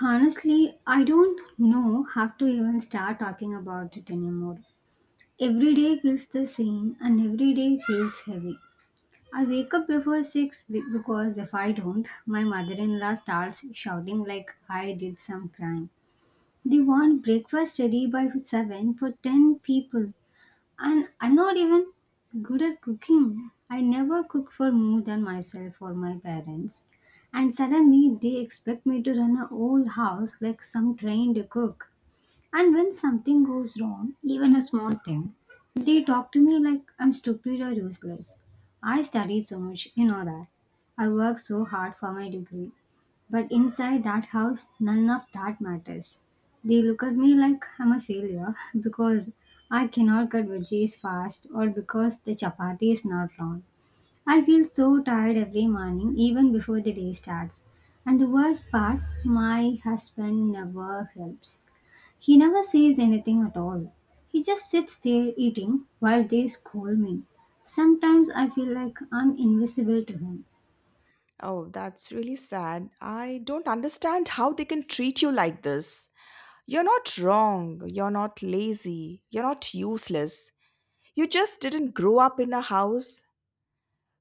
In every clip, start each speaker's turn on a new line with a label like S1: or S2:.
S1: Honestly, I don't know how to even start talking about it anymore. Every day feels the same and every day feels heavy. I wake up before 6 because if I don't, my mother in law starts shouting like I did some crime. They want breakfast ready by 7 for 10 people. And I'm not even good at cooking. I never cook for more than myself or my parents. And suddenly they expect me to run a whole house like some trained cook. And when something goes wrong, even a small thing, they talk to me like I'm stupid or useless. I studied so much, you know that. I worked so hard for my degree. But inside that house, none of that matters. They look at me like I'm a failure because I cannot cut veggies fast or because the chapati is not round. I feel so tired every morning, even before the day starts. And the worst part, my husband never helps. He never says anything at all. He just sits there eating while they scold me. Sometimes I feel like I'm invisible to him.
S2: Oh, that's really sad. I don't understand how they can treat you like this. You're not wrong. You're not lazy. You're not useless. You just didn't grow up in a house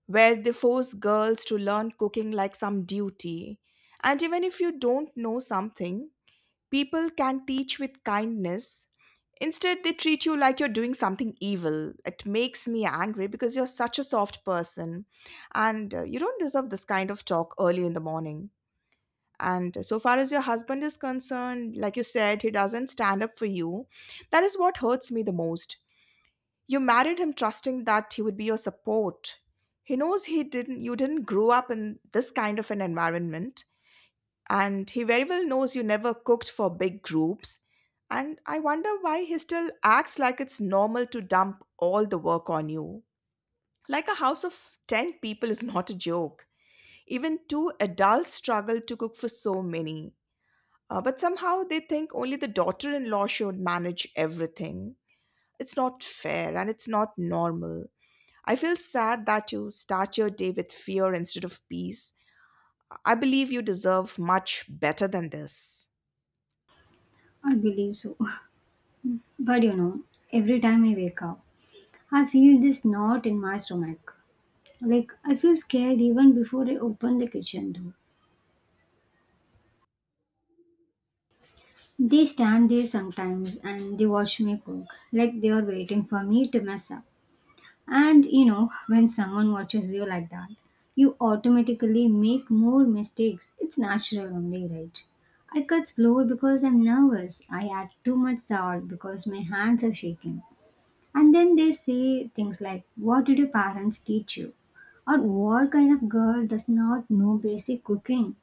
S2: where they force girls to learn cooking like some duty. And even if you don't know something, people can teach with kindness. Instead, they treat you like you're doing something evil. It makes me angry because you're such a soft person and you don't deserve this kind of talk early in the morning. And so far as your husband is concerned, like you said, he doesn't stand up for you. That is what hurts me the most. You married him trusting that he would be your support. He knows he didn't You didn't grow up in this kind of an environment, and he very well knows you never cooked for big groups. And I wonder why he still acts like it's normal to dump all the work on you. Like a house of 10 people is not a joke. Even two adults struggle to cook for so many. But somehow they think only the daughter in law should manage everything. It's not fair and it's not normal. I feel sad that you start your day with fear instead of peace. I believe you deserve much better than this.
S1: I believe so. But you know, every time I wake up, I feel this knot in my stomach. Like I feel scared even before I open the kitchen door. They stand there sometimes and they watch me cook, like they are waiting for me to mess up. And you know, when someone watches you like that, you automatically make more mistakes. It's natural only, right? I cut slow because I'm nervous. I add too much salt because my hands are shaking. And then they say things like, "What did your parents teach you?" Or "what kind of girl does not know basic cooking?"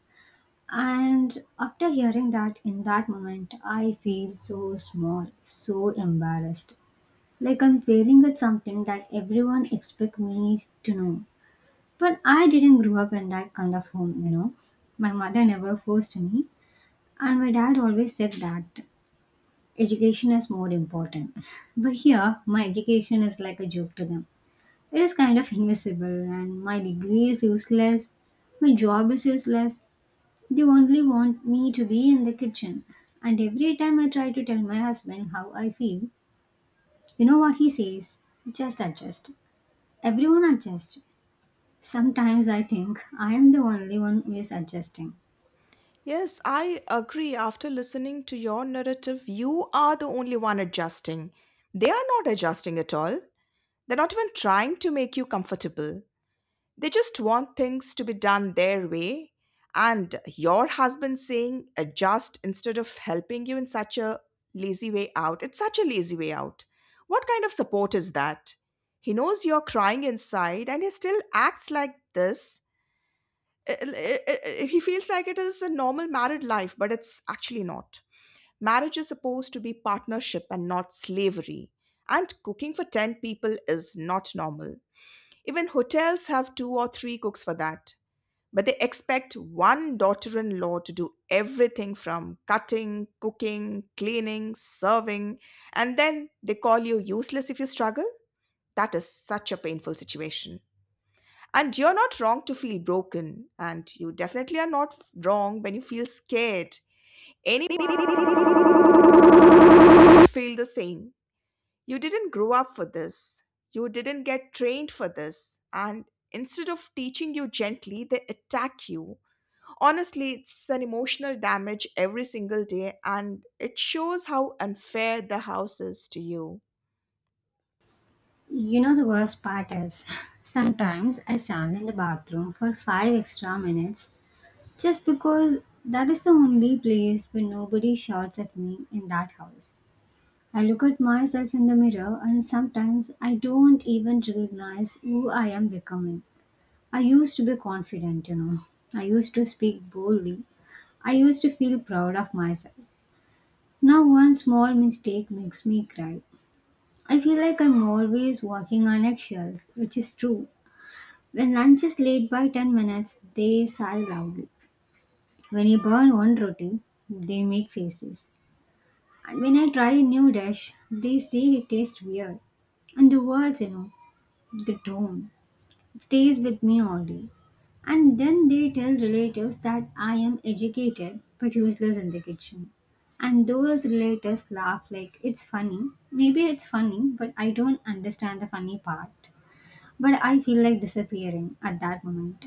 S1: And after hearing that in that moment, I feel so small, so embarrassed. Like I'm failing at something that everyone expect me to know. But I didn't grow up in that kind of home, you know. My mother never forced me, and my dad always said that education is more important. But here, my education is like a joke to them. It is kind of invisible, and my degree is useless. My job is useless. They only want me to be in the kitchen. And every time I try to tell my husband how I feel, you know what he says? Just adjust. Everyone adjusts. Sometimes I think I am the only one who is adjusting.
S2: Yes, I agree. After listening to your narrative, you are the only one adjusting. They are not adjusting at all. They're not even trying to make you comfortable. They just want things to be done their way. And your husband saying adjust instead of helping you in such a lazy way out. It's such a lazy way out. What kind of support is that? He knows you're crying inside and he still acts like this it- it- it- he feels like it is a normal married life, but it's actually not. Marriage is supposed to be partnership and not slavery. And cooking for 10 people is not normal. Even hotels have two or three cooks for that. But they expect one daughter in law to do everything from cutting, cooking, cleaning, serving, and then they call you useless if you struggle. That is such a painful situation. And you're not wrong to feel broken, and you definitely are not wrong when you feel scared. Anyone feel the same. You didn't grow up for this. You didn't get trained for this. And instead of teaching you gently, they attack you. Honestly, it's an emotional damage every single day, and it shows how unfair the house is to you.
S1: You know the worst part is, sometimes I stand in the bathroom for 5 extra minutes just because that is the only place where nobody shouts at me in that house. I look at myself in the mirror and sometimes I don't even recognize who I am becoming. I used to be confident, you know. I used to speak boldly. I used to feel proud of myself. Now, one small mistake makes me cry. I feel like I'm always walking on eggshells, which is true. When lunch is late by 10 minutes, they sigh loudly. When I burn one roti, they make faces. And when I try a new dish, they say it tastes weird. And the words, you know, the tone. It stays with me all day. And then they tell relatives that I am educated but useless in the kitchen. And those relatives laugh like it's funny. Maybe it's funny, but I don't understand the funny part. But I feel like disappearing at that moment.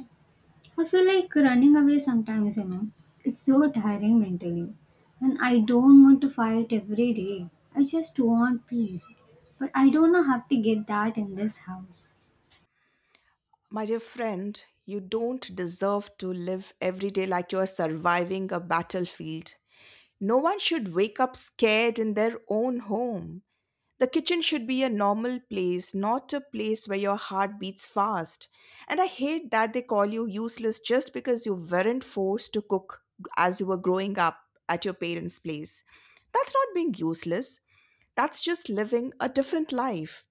S1: I feel like running away sometimes, you know. It's so tiring mentally. And I don't want to fight every day. I just want peace. But I don't know how to get that in this house.
S2: My dear friend, you don't deserve to live every day like you are surviving a battlefield. No one should wake up scared in their own home. The kitchen should be a normal place, not a place where your heart beats fast. And I hate that they call you useless just because you weren't forced to cook as you were growing up at your parents' place. That's not being useless, that's just living a different life.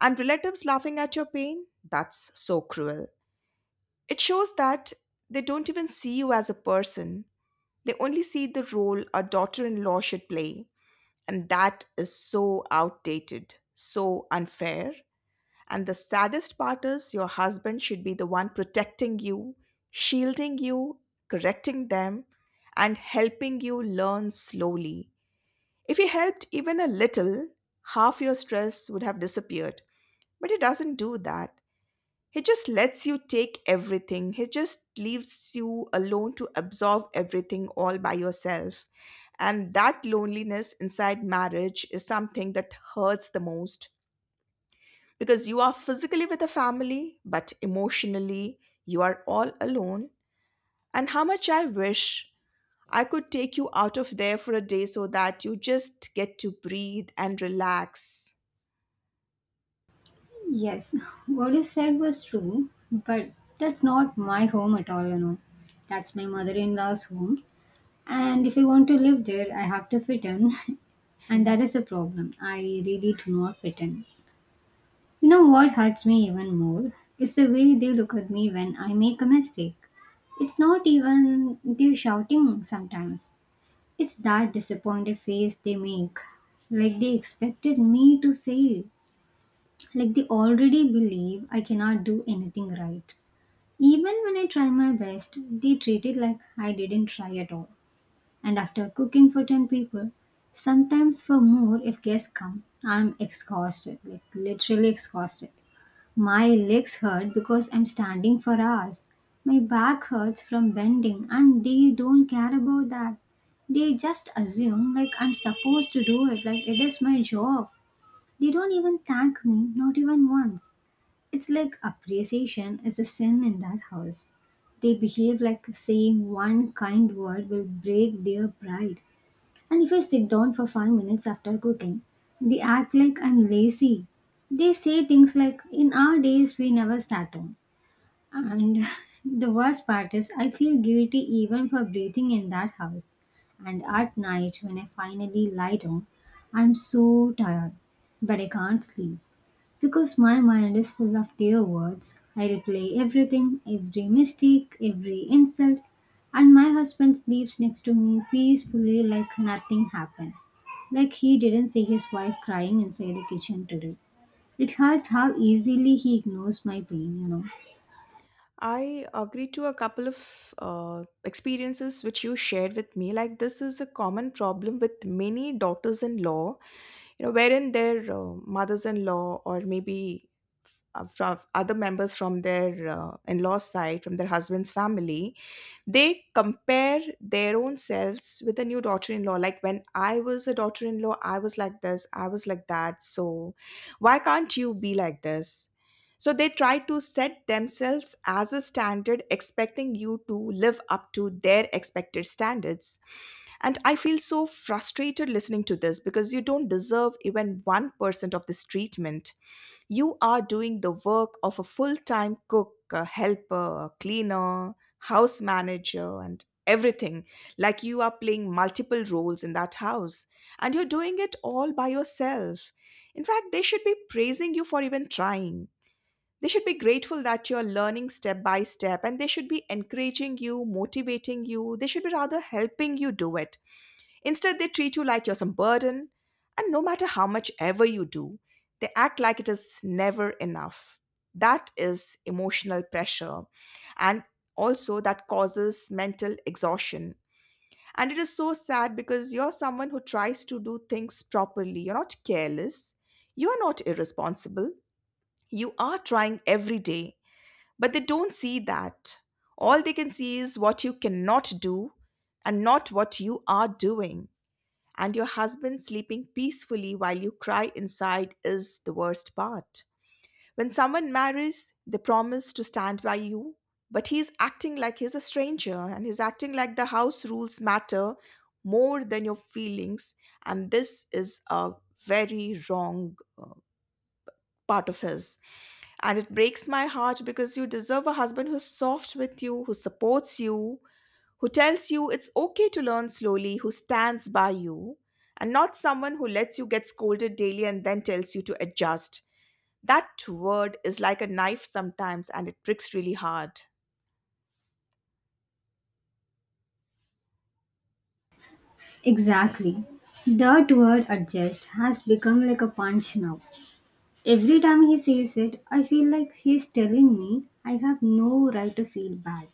S2: And relatives laughing at your pain? That's so cruel. It shows that they don't even see you as a person, they only see the role a daughter in law should play. And that is so outdated, so unfair. And the saddest part is your husband should be the one protecting you, shielding you, correcting them, and helping you learn slowly. If he helped even a little, half your stress would have disappeared. But he doesn't do that. He just lets you take everything. He just leaves you alone to absorb everything all by yourself. And that loneliness inside marriage is something that hurts the most because you are physically with a family, but emotionally, you are all alone. And how much I wish I could take you out of there for a day so that you just get to breathe and relax.
S1: Yes, what you said was true, but that's not my home at all, you know. That's my mother in law's home. And if I want to live there, I have to fit in. And that is a problem. I really do not fit in. You know what hurts me even more? It's the way they look at me when I make a mistake. It's not even they're shouting sometimes. It's that disappointed face they make. Like they expected me to fail. Like they already believe I cannot do anything right. Even when I try my best, they treat it like I didn't try at all. And after cooking for 10 people, sometimes for more if guests come, I'm exhausted, like literally exhausted. My legs hurt because I'm standing for hours. My back hurts from bending, and they don't care about that. They just assume like I'm supposed to do it, like it is my job. They don't even thank me, not even once. It's like appreciation is a sin in that house. They behave like saying one kind word will break their pride. And if I sit down for 5 minutes after cooking, they act like I'm lazy. They say things like, "In our days, we never sat down." And the worst part is, I feel guilty even for breathing in that house. And at night, when I finally lie down, I'm so tired, but I can't sleep. Because my mind is full of their words, I replay everything, every mistake, every insult, and my husband sleeps next to me peacefully like nothing happened. Like he didn't see his wife crying inside the kitchen today. It hurts how easily he ignores my pain, you know.
S2: I agree to a couple of experiences which you shared with me. Like this is a common problem with many daughters-in-law, you know, wherein their mothers-in-law, or maybe from other members from their in-law side, from their husband's family, they compare their own selves with a new daughter-in-law, like, when I was a daughter-in-law I was like this, I was like that, so why can't you be like this? So they try to set themselves as a standard expecting you to live up to their expected standards, and I feel so frustrated listening to this because you don't deserve even 1% of this treatment. You are doing the work of a full time cook, a helper, a cleaner, house manager, and everything. Like you are playing multiple roles in that house. And you're doing it all by yourself. In fact, they should be praising you for even trying. They should be grateful that you're learning step by step and they should be encouraging you, motivating you. They should be rather helping you do it. Instead, they treat you like you're some burden, and no matter how much ever you do, they act like it is never enough. That is emotional pressure, and also that causes mental exhaustion. And it is so sad because you're someone who tries to do things properly, you're not careless, you are not irresponsible, you are trying every day, but they don't see that. All they can see is what you cannot do and not what you are doing, and your husband sleeping peacefully while you cry inside is the worst part. When someone marries, they promise to stand by you, but he's acting like he's a stranger and he's acting like the house rules matter more than your feelings, and this is a very wrong part of his. And it breaks my heart because you deserve a husband who's soft with you, who supports you, who tells you it's okay to learn slowly, who stands by you, and not someone who lets you get scolded daily and then tells you to adjust. That word is like a knife sometimes and it pricks really hard. And-
S1: Exactly. That word adjust has become like a punch now. Every time he says it, I feel like he's telling me I have no right to feel bad.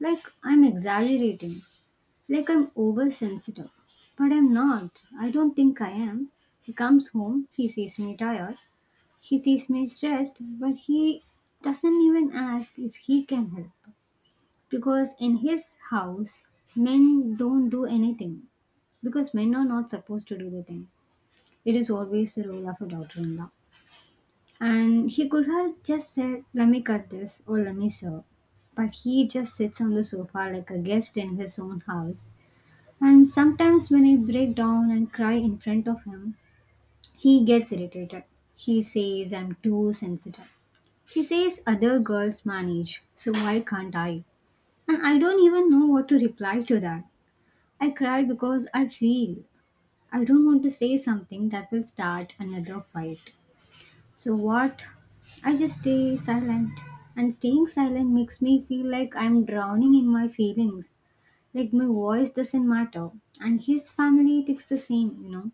S1: Like I'm exaggerating. Like I'm oversensitive. But I'm not. I don't think I am. He comes home, he sees me tired, he sees me stressed, but he doesn't even ask if he can help. Because in his house, men don't do anything. Because men are not supposed to do the thing. It is always the role of a daughter in law. And he could have just said, "Let me cut this" or "let me serve." But he just sits on the sofa like a guest in his own house and sometimes when I break down and cry in front of him, he gets irritated. He says I'm too sensitive. He says other girls manage, so why can't I? And I don't even know what to reply to that. I cry because I feel. I don't want to say something that will start another fight. So what? I just stay silent. And staying silent makes me feel like I'm drowning in my feelings. Like my voice doesn't matter. And his family thinks the same, you know.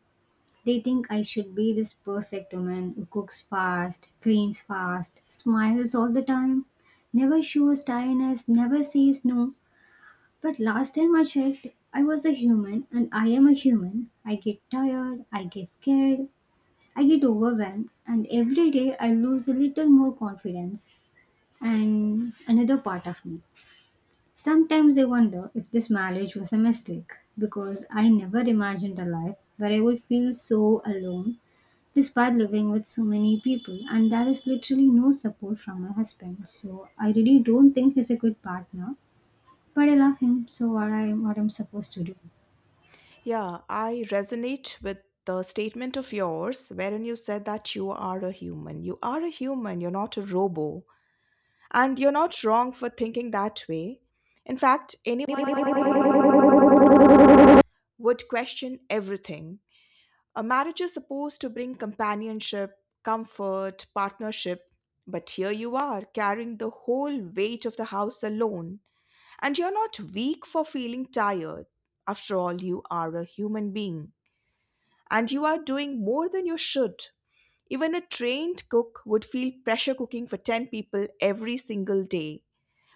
S1: They think I should be this perfect woman who cooks fast, cleans fast, smiles all the time, never shows tiredness, never says no. But last time I checked, I was a human and I am a human. I get tired, I get scared, I get overwhelmed, and every day I lose a little more confidence and another part of me. Sometimes I wonder if this marriage was a mistake because I never imagined a life where I would feel so alone despite living with so many people, and there is literally no support from my husband, so I really don't think he's a good partner, but I love him, so what I'm supposed to do?
S2: Yeah, I resonate with the statement of yours wherein you said that you are a human. You are a human, you're not a robo. And you're not wrong for thinking that way. In fact, anyone would question everything. A marriage is supposed to bring companionship, comfort, partnership, but here you are carrying the whole weight of the house alone, and you're not weak for feeling tired. After all, you are a human being, and you are doing more than you should. Even a trained cook would feel pressure cooking for 10 people every single day,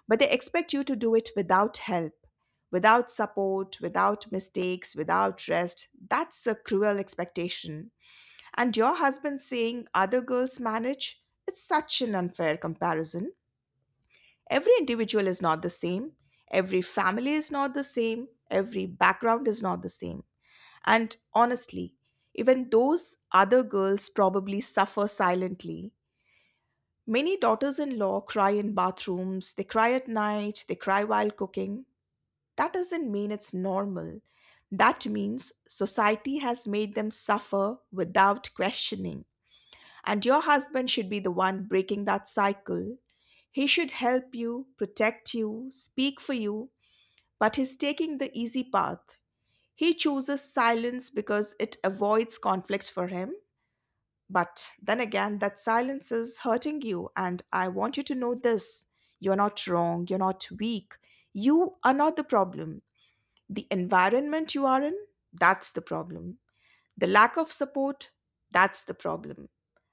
S2: but they expect you to do it without help, without support, without mistakes, without rest. That's a cruel expectation. And your husband saying other girls manage? It's such an unfair comparison. Every individual is not the same. Every family is not the same. Every background is not the same. And honestly, even those other girls probably suffer silently. Many daughters in law cry in bathrooms, they cry at night, they cry while cooking. That doesn't mean it's normal. That means society has made them suffer without questioning. And your husband should be the one breaking that cycle. He should help you, protect you, speak for you, but he's taking the easy path. He chooses silence because it avoids conflict for him. But then again, that silence is hurting you. And I want you to know this, you're not wrong, you're not weak. You are not the problem. The environment you are in, that's the problem. The lack of support, that's the problem.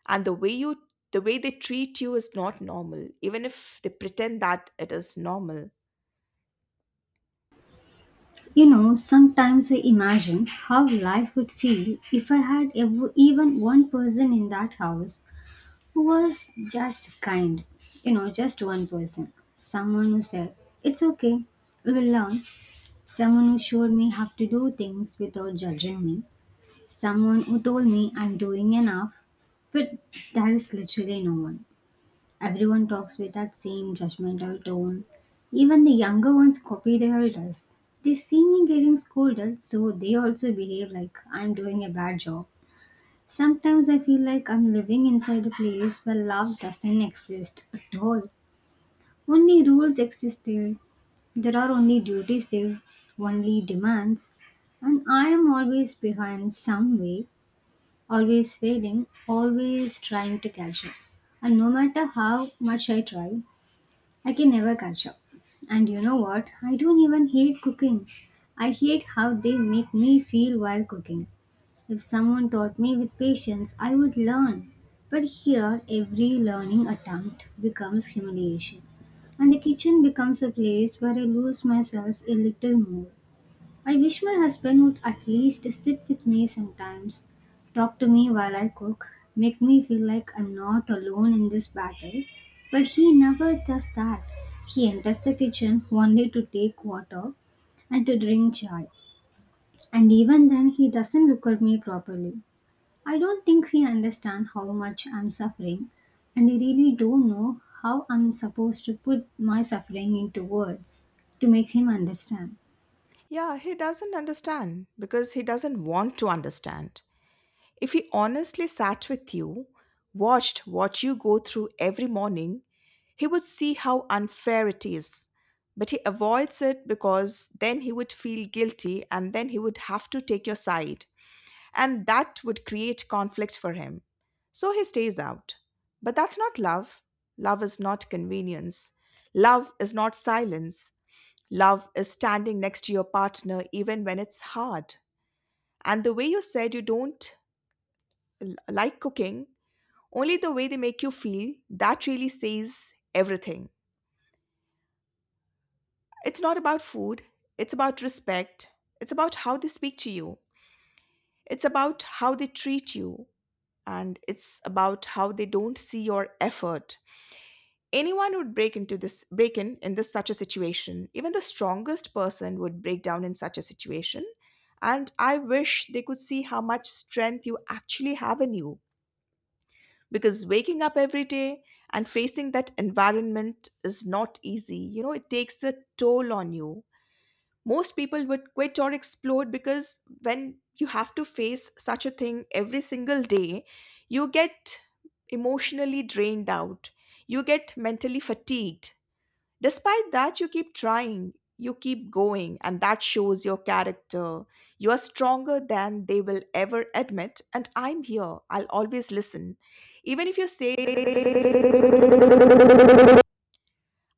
S2: And the way you they treat you is not normal, even if they pretend that it is normal.
S1: You know, sometimes I imagine how life would feel if I had ev even one person in that house who was just kind. You know, just one person. Someone who said, "It's okay, we will learn." Someone who showed me how to do things without judging me. Someone who told me I'm doing enough. But there is literally no one. Everyone talks with that same judgmental tone. Even the younger ones copy their elders. They see me getting scolded, so they also behave like I'm doing a bad job. Sometimes I feel like I'm living inside a place where love doesn't exist at all. Only rules exist there. There are only duties there, only demands. And I am always behind some way, always failing, always trying to catch up. And no matter how much I try, I can never catch up. And you know what? I don't even hate cooking. I hate how they make me feel while cooking. If someone taught me with patience, I would learn. But here, every learning attempt becomes humiliation. And the kitchen becomes a place where I lose myself a little more. I wish my husband would at least sit with me sometimes, talk to me while I cook, make me feel like I'm not alone in this battle. But he never does that. He enters the kitchen only to take water and to drink chai. And even then, he doesn't look at me properly. I don't think he understands how much I'm suffering, and I really don't know how I'm supposed to put my suffering into words to make him understand.
S2: Yeah, he doesn't understand because he doesn't want to understand. If he honestly sat with you, watched what you go through every morning, he would see how unfair it is, but he avoids it because then he would feel guilty and then he would have to take your side, and that would create conflict for him. So he stays out. But that's not love. Love is not convenience. Love is not silence. Love is standing next to your partner even when it's hard. And the way you said you don't like cooking, only the way they make you feel, that really says everything. It's not about food, it's about respect, it's about how they speak to you, it's about how they treat you, and it's about how they don't see your effort. Anyone would break in this such a situation. Even the strongest person would break down in such a situation. And I wish they could see how much strength you actually have in you. Because waking up every day and facing that environment is not easy. You know, it takes a toll on you. Most people would quit or explode because when you have to face such a thing every single day, you get emotionally drained out, you get mentally fatigued. Despite that, you keep trying, you keep going, and that shows your character. You are stronger than they will ever admit, and I'm here. I'll always listen. Even if you say,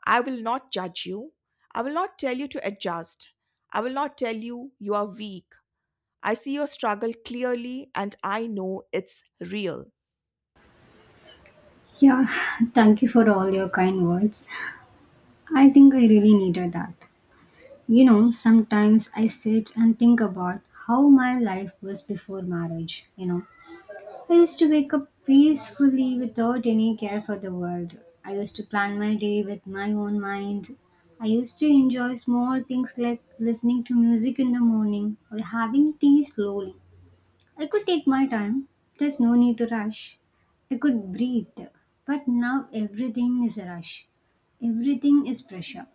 S2: I will not judge you, I will not tell you to adjust. I will not tell you you are weak. I see your struggle clearly and I know it's real.
S1: Yeah, thank you for all your kind words. I think I really needed that. You know, sometimes I sit and think about how my life was before marriage. You know, I used to wake up peacefully without any care for the world. I used to plan my day with my own mind. I used to enjoy small things like listening to music in the morning or having tea slowly. I could take my time. There's no need to rush. I could breathe. But now everything is a rush. Everything is pressure.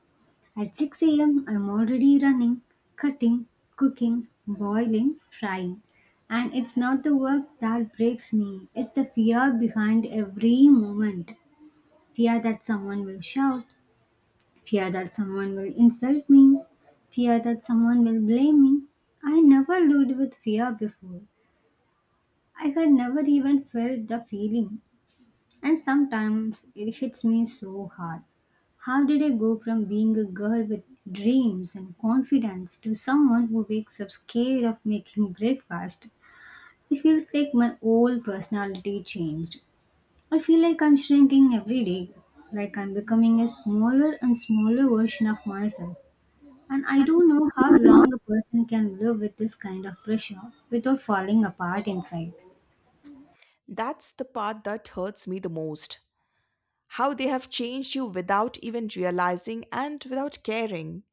S1: At 6 a.m., I'm already running, cutting, cooking, boiling, frying. And it's not the work that breaks me, it's the fear behind every moment. Fear that someone will shout, fear that someone will insult me, fear that someone will blame me. I never lived with fear before. I had never even felt the feeling. And sometimes it hits me so hard. How did I go from being a girl with dreams and confidence to someone who wakes up scared of making breakfast? It feels like my whole personality changed. I feel like I'm shrinking every day, like I'm becoming a smaller and smaller version of myself. And I don't know how long a person can live with this kind of pressure without falling apart inside.
S2: That's the part that hurts me the most. How they have changed you without even realizing and without caring.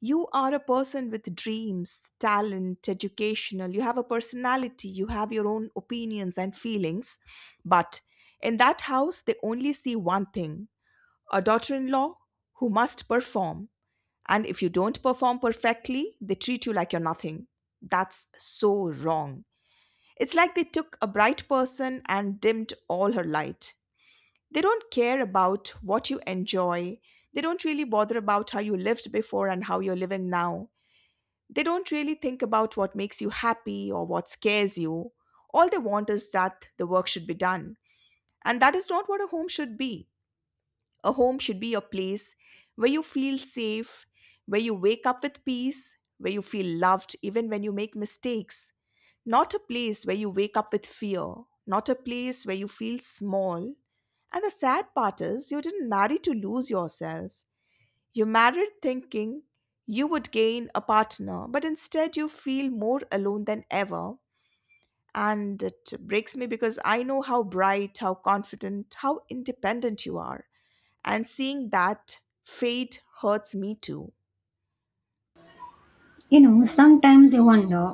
S2: You are a person with dreams, talent, educational, you have a personality, you have your own opinions and feelings. But in that house, they only see one thing, a daughter in law who must perform. And if you don't perform perfectly, they treat you like you're nothing. That's so wrong. It's like they took a bright person and dimmed all her light. They don't care about what you enjoy. They don't really bother about how you lived before and how you're living now. They don't really think about what makes you happy or what scares you. All they want is that the work should be done. And that is not what a home should be. A home should be a place where you feel safe, where you wake up with peace, where you feel loved even when you make mistakes. Not a place where you wake up with fear, not a place where you feel small. And the sad part is, you didn't marry to lose yourself. You married thinking you would gain a partner, but instead you feel more alone than ever. And it breaks me because I know how bright, how confident, how independent you are. And seeing that fate hurts me too.
S1: You know, sometimes I wonder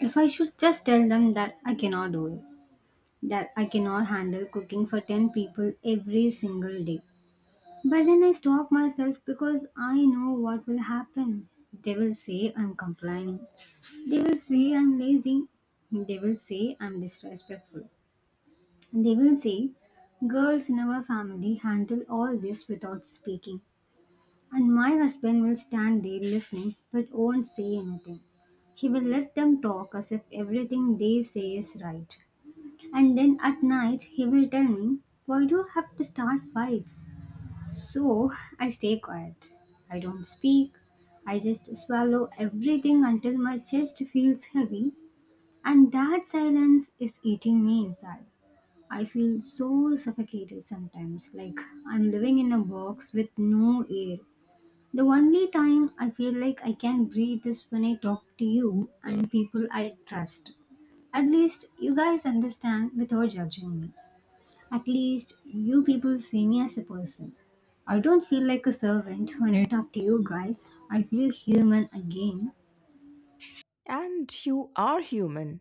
S1: if I should just tell them that I cannot do it, that I cannot handle cooking for 10 people every single day. But then I stop myself because I know what will happen. They will say I'm complaining. They will say I'm lazy. They will say I'm disrespectful. They will say girls in our family handle all this without speaking. And my husband will stand there listening but won't say anything. He will let them talk as if everything they say is right. And then at night, he will tell me, "Why do you have to start fights?" So I stay quiet. I don't speak. I just swallow everything until my chest feels heavy. And that silence is eating me inside. I feel so suffocated sometimes, like I'm living in a box with no air. The only time I feel like I can breathe is when I talk to you and people I trust. At least you guys understand without judging me. At least you people see me as a person. I don't feel like a servant when I talk to you guys. I feel human again.
S2: And you are human.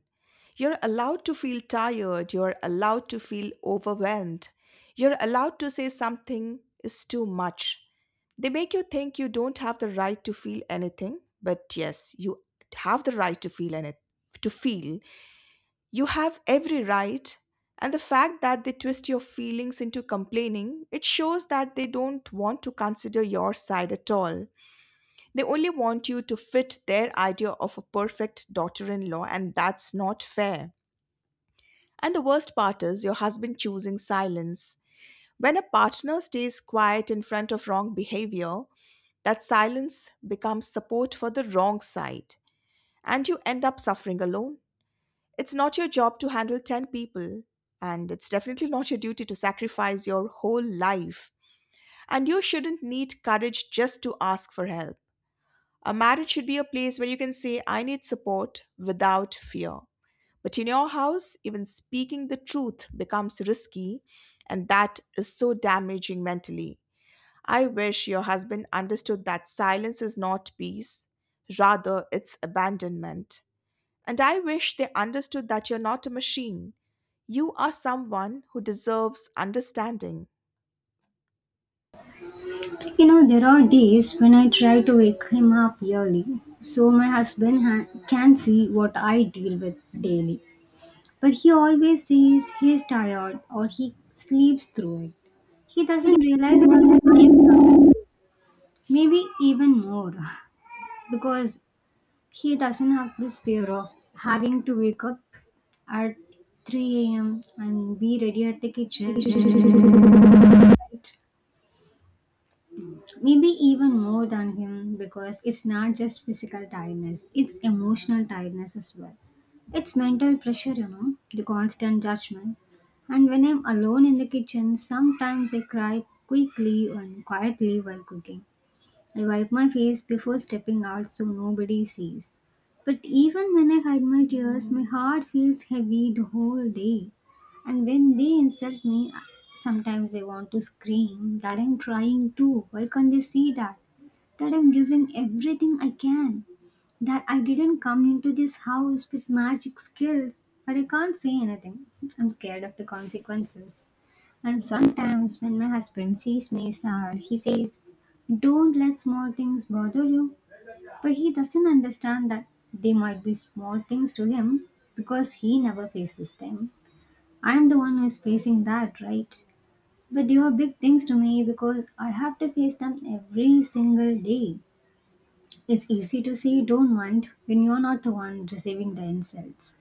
S2: You're allowed to feel tired. You're allowed to feel overwhelmed. You're allowed to say something is too much. They make you think you don't have the right to feel anything, but yes, you have the right to feel anything. To feel. You have every right. And the fact that they twist your feelings into complaining, it shows that they don't want to consider your side at all. They only want you to fit their idea of a perfect daughter in law, and that's not fair. And the worst part is your husband choosing silence. When a partner stays quiet in front of wrong behavior, that silence becomes support for the wrong side, and you end up suffering alone. It's not your job to handle 10 people, and it's definitely not your duty to sacrifice your whole life. And you shouldn't need courage just to ask for help. A marriage should be a place where you can say, I need support without fear. But in your house, even speaking the truth becomes risky, and that is so damaging mentally. I wish your husband understood that silence is not peace, rather, it's abandonment. And I wish they understood that you're not a machine. You are someone who deserves understanding.
S1: You know, there are days when I try to wake him up early so my can see what I deal with daily. But he always says he is tired or he sleeps through it. He doesn't realize that I am tired too. Maybe even more. Because he doesn't have this fear of having to wake up at 3 a.m. and be ready at the kitchen in 6 a.m., right? Maybe even more than him, because it's not just physical tiredness, it's emotional tiredness as well. It's mental pressure, you know, the constant judgment. And when I'm alone in the kitchen, sometimes I cry quickly and quietly while cooking. I wipe my face before stepping out so nobody sees. But even when I hide my tears, my heart feels heavy the whole day. And when they insult me, sometimes I want to scream that I'm trying too. Why can't they see that? That I'm giving everything I can. That I didn't come into this house with magic skills. But I can't say anything. I'm scared of the consequences. And sometimes when my husband sees me sad, he says, "Don't let small things bother you." But he doesn't understand that they might be small things to him because he never faces them. I'm the one who's facing that, right? But they are big things to me because I have to face them every single day. It's easy to say don't mind when you're not the one receiving the insults,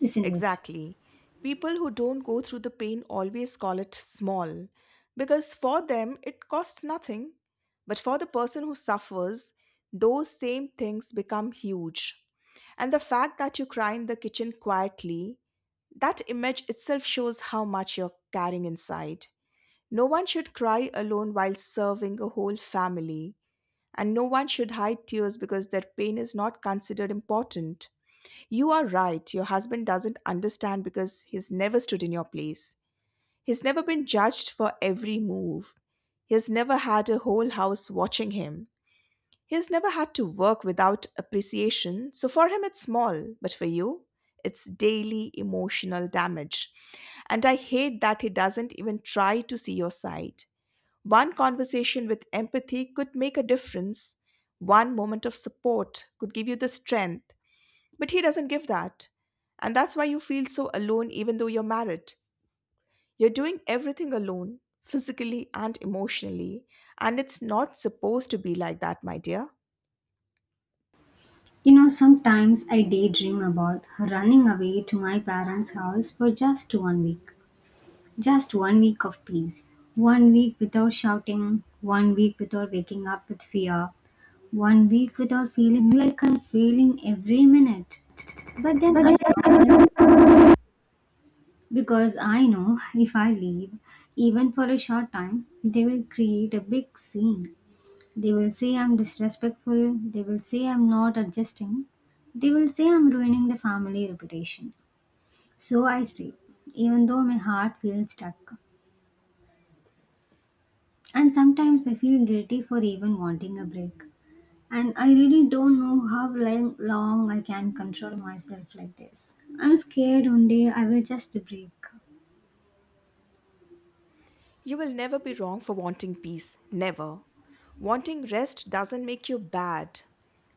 S1: isn't it?
S2: Exactly. People who don't go through the pain always call it small because for them it costs nothing. But for the person who suffers, those same things become huge. And the fact that you cry in the kitchen quietly, that image itself shows how much you're carrying inside. No one should cry alone while serving a whole family, and no one should hide tears because their pain is not considered important. You are right, your husband doesn't understand because he's never stood in your place. He's never been judged for every move. He has never had a whole house watching him. He has never had to work without appreciation, so for him it's small, but for you, it's daily emotional damage. And I hate that he doesn't even try to see your side. One conversation with empathy could make a difference. One moment of support could give you the strength, but he doesn't give that. And that's why you feel so alone even though you're married. You're doing everything alone, physically and emotionally. And it's not supposed to be like that, my dear.
S1: You know, sometimes I daydream about running away to my parents' house for just one week. Just one week of peace. One week without shouting. One week without waking up with fear. One week without feeling like I'm failing every minute. But then I stop myself because I know if I leave, even for a short time, they will create a big scene. They will say I'm disrespectful. They will say I'm not adjusting. They will say I'm ruining the family reputation. So I stay, even though my heart feels stuck. And sometimes I feel guilty for even wanting a break. And I really don't know how long I can control myself like this. I'm scared one day I will just break.
S2: You will never be wrong for wanting peace, never. Wanting rest doesn't make you bad.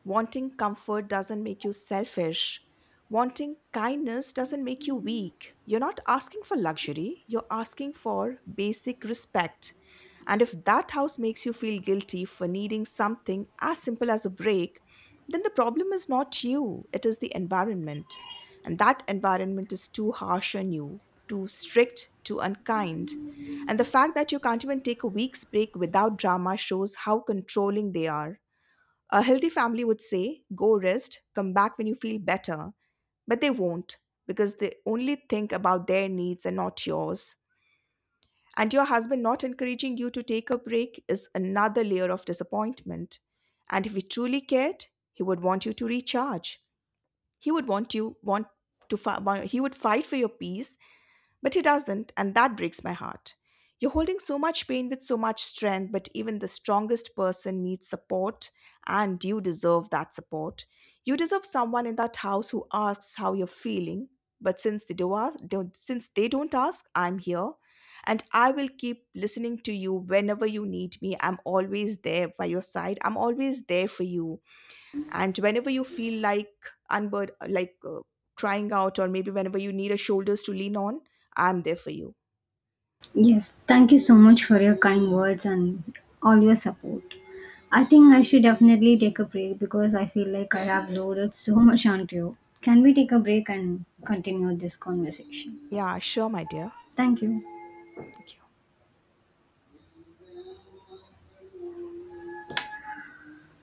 S2: Wanting comfort doesn't make you selfish. Wanting kindness doesn't make you weak. You're not asking for luxury, you're asking for basic respect. And if that house makes you feel guilty for needing something as simple as a break, then the problem is not you, it is the environment. And that environment is too harsh on you, too strict, too unkind. And the fact that you can't even take a week's break without drama shows how controlling they are. A healthy family would say, go rest, come back when you feel better. But they won't, because they only think about their needs and not yours. And your husband not encouraging you to take a break is another layer of disappointment. And if he truly cared, he would want you to recharge. He would want you want to he would fight for your peace, but he doesn't, and that breaks my heart. You're holding so much pain with so much strength, but even the strongest person needs support, and you deserve that support. You deserve someone in that house who asks how you're feeling, but since they do ask, don't, since they don't ask, I'm here, and I will keep listening to you whenever you need me. I'm always there by your side. I'm always there for you, and whenever you feel like unbur- like uh, trying out or maybe whenever you need a shoulders to lean on, I'm there for you.
S1: Yes, thank you so much for your kind words and all your support. I think I should definitely take a break because I feel like I have loaded so much onto you. Can we take a break and continue this conversation?
S2: Yeah, sure, my dear.
S1: Thank you.
S2: Thank you.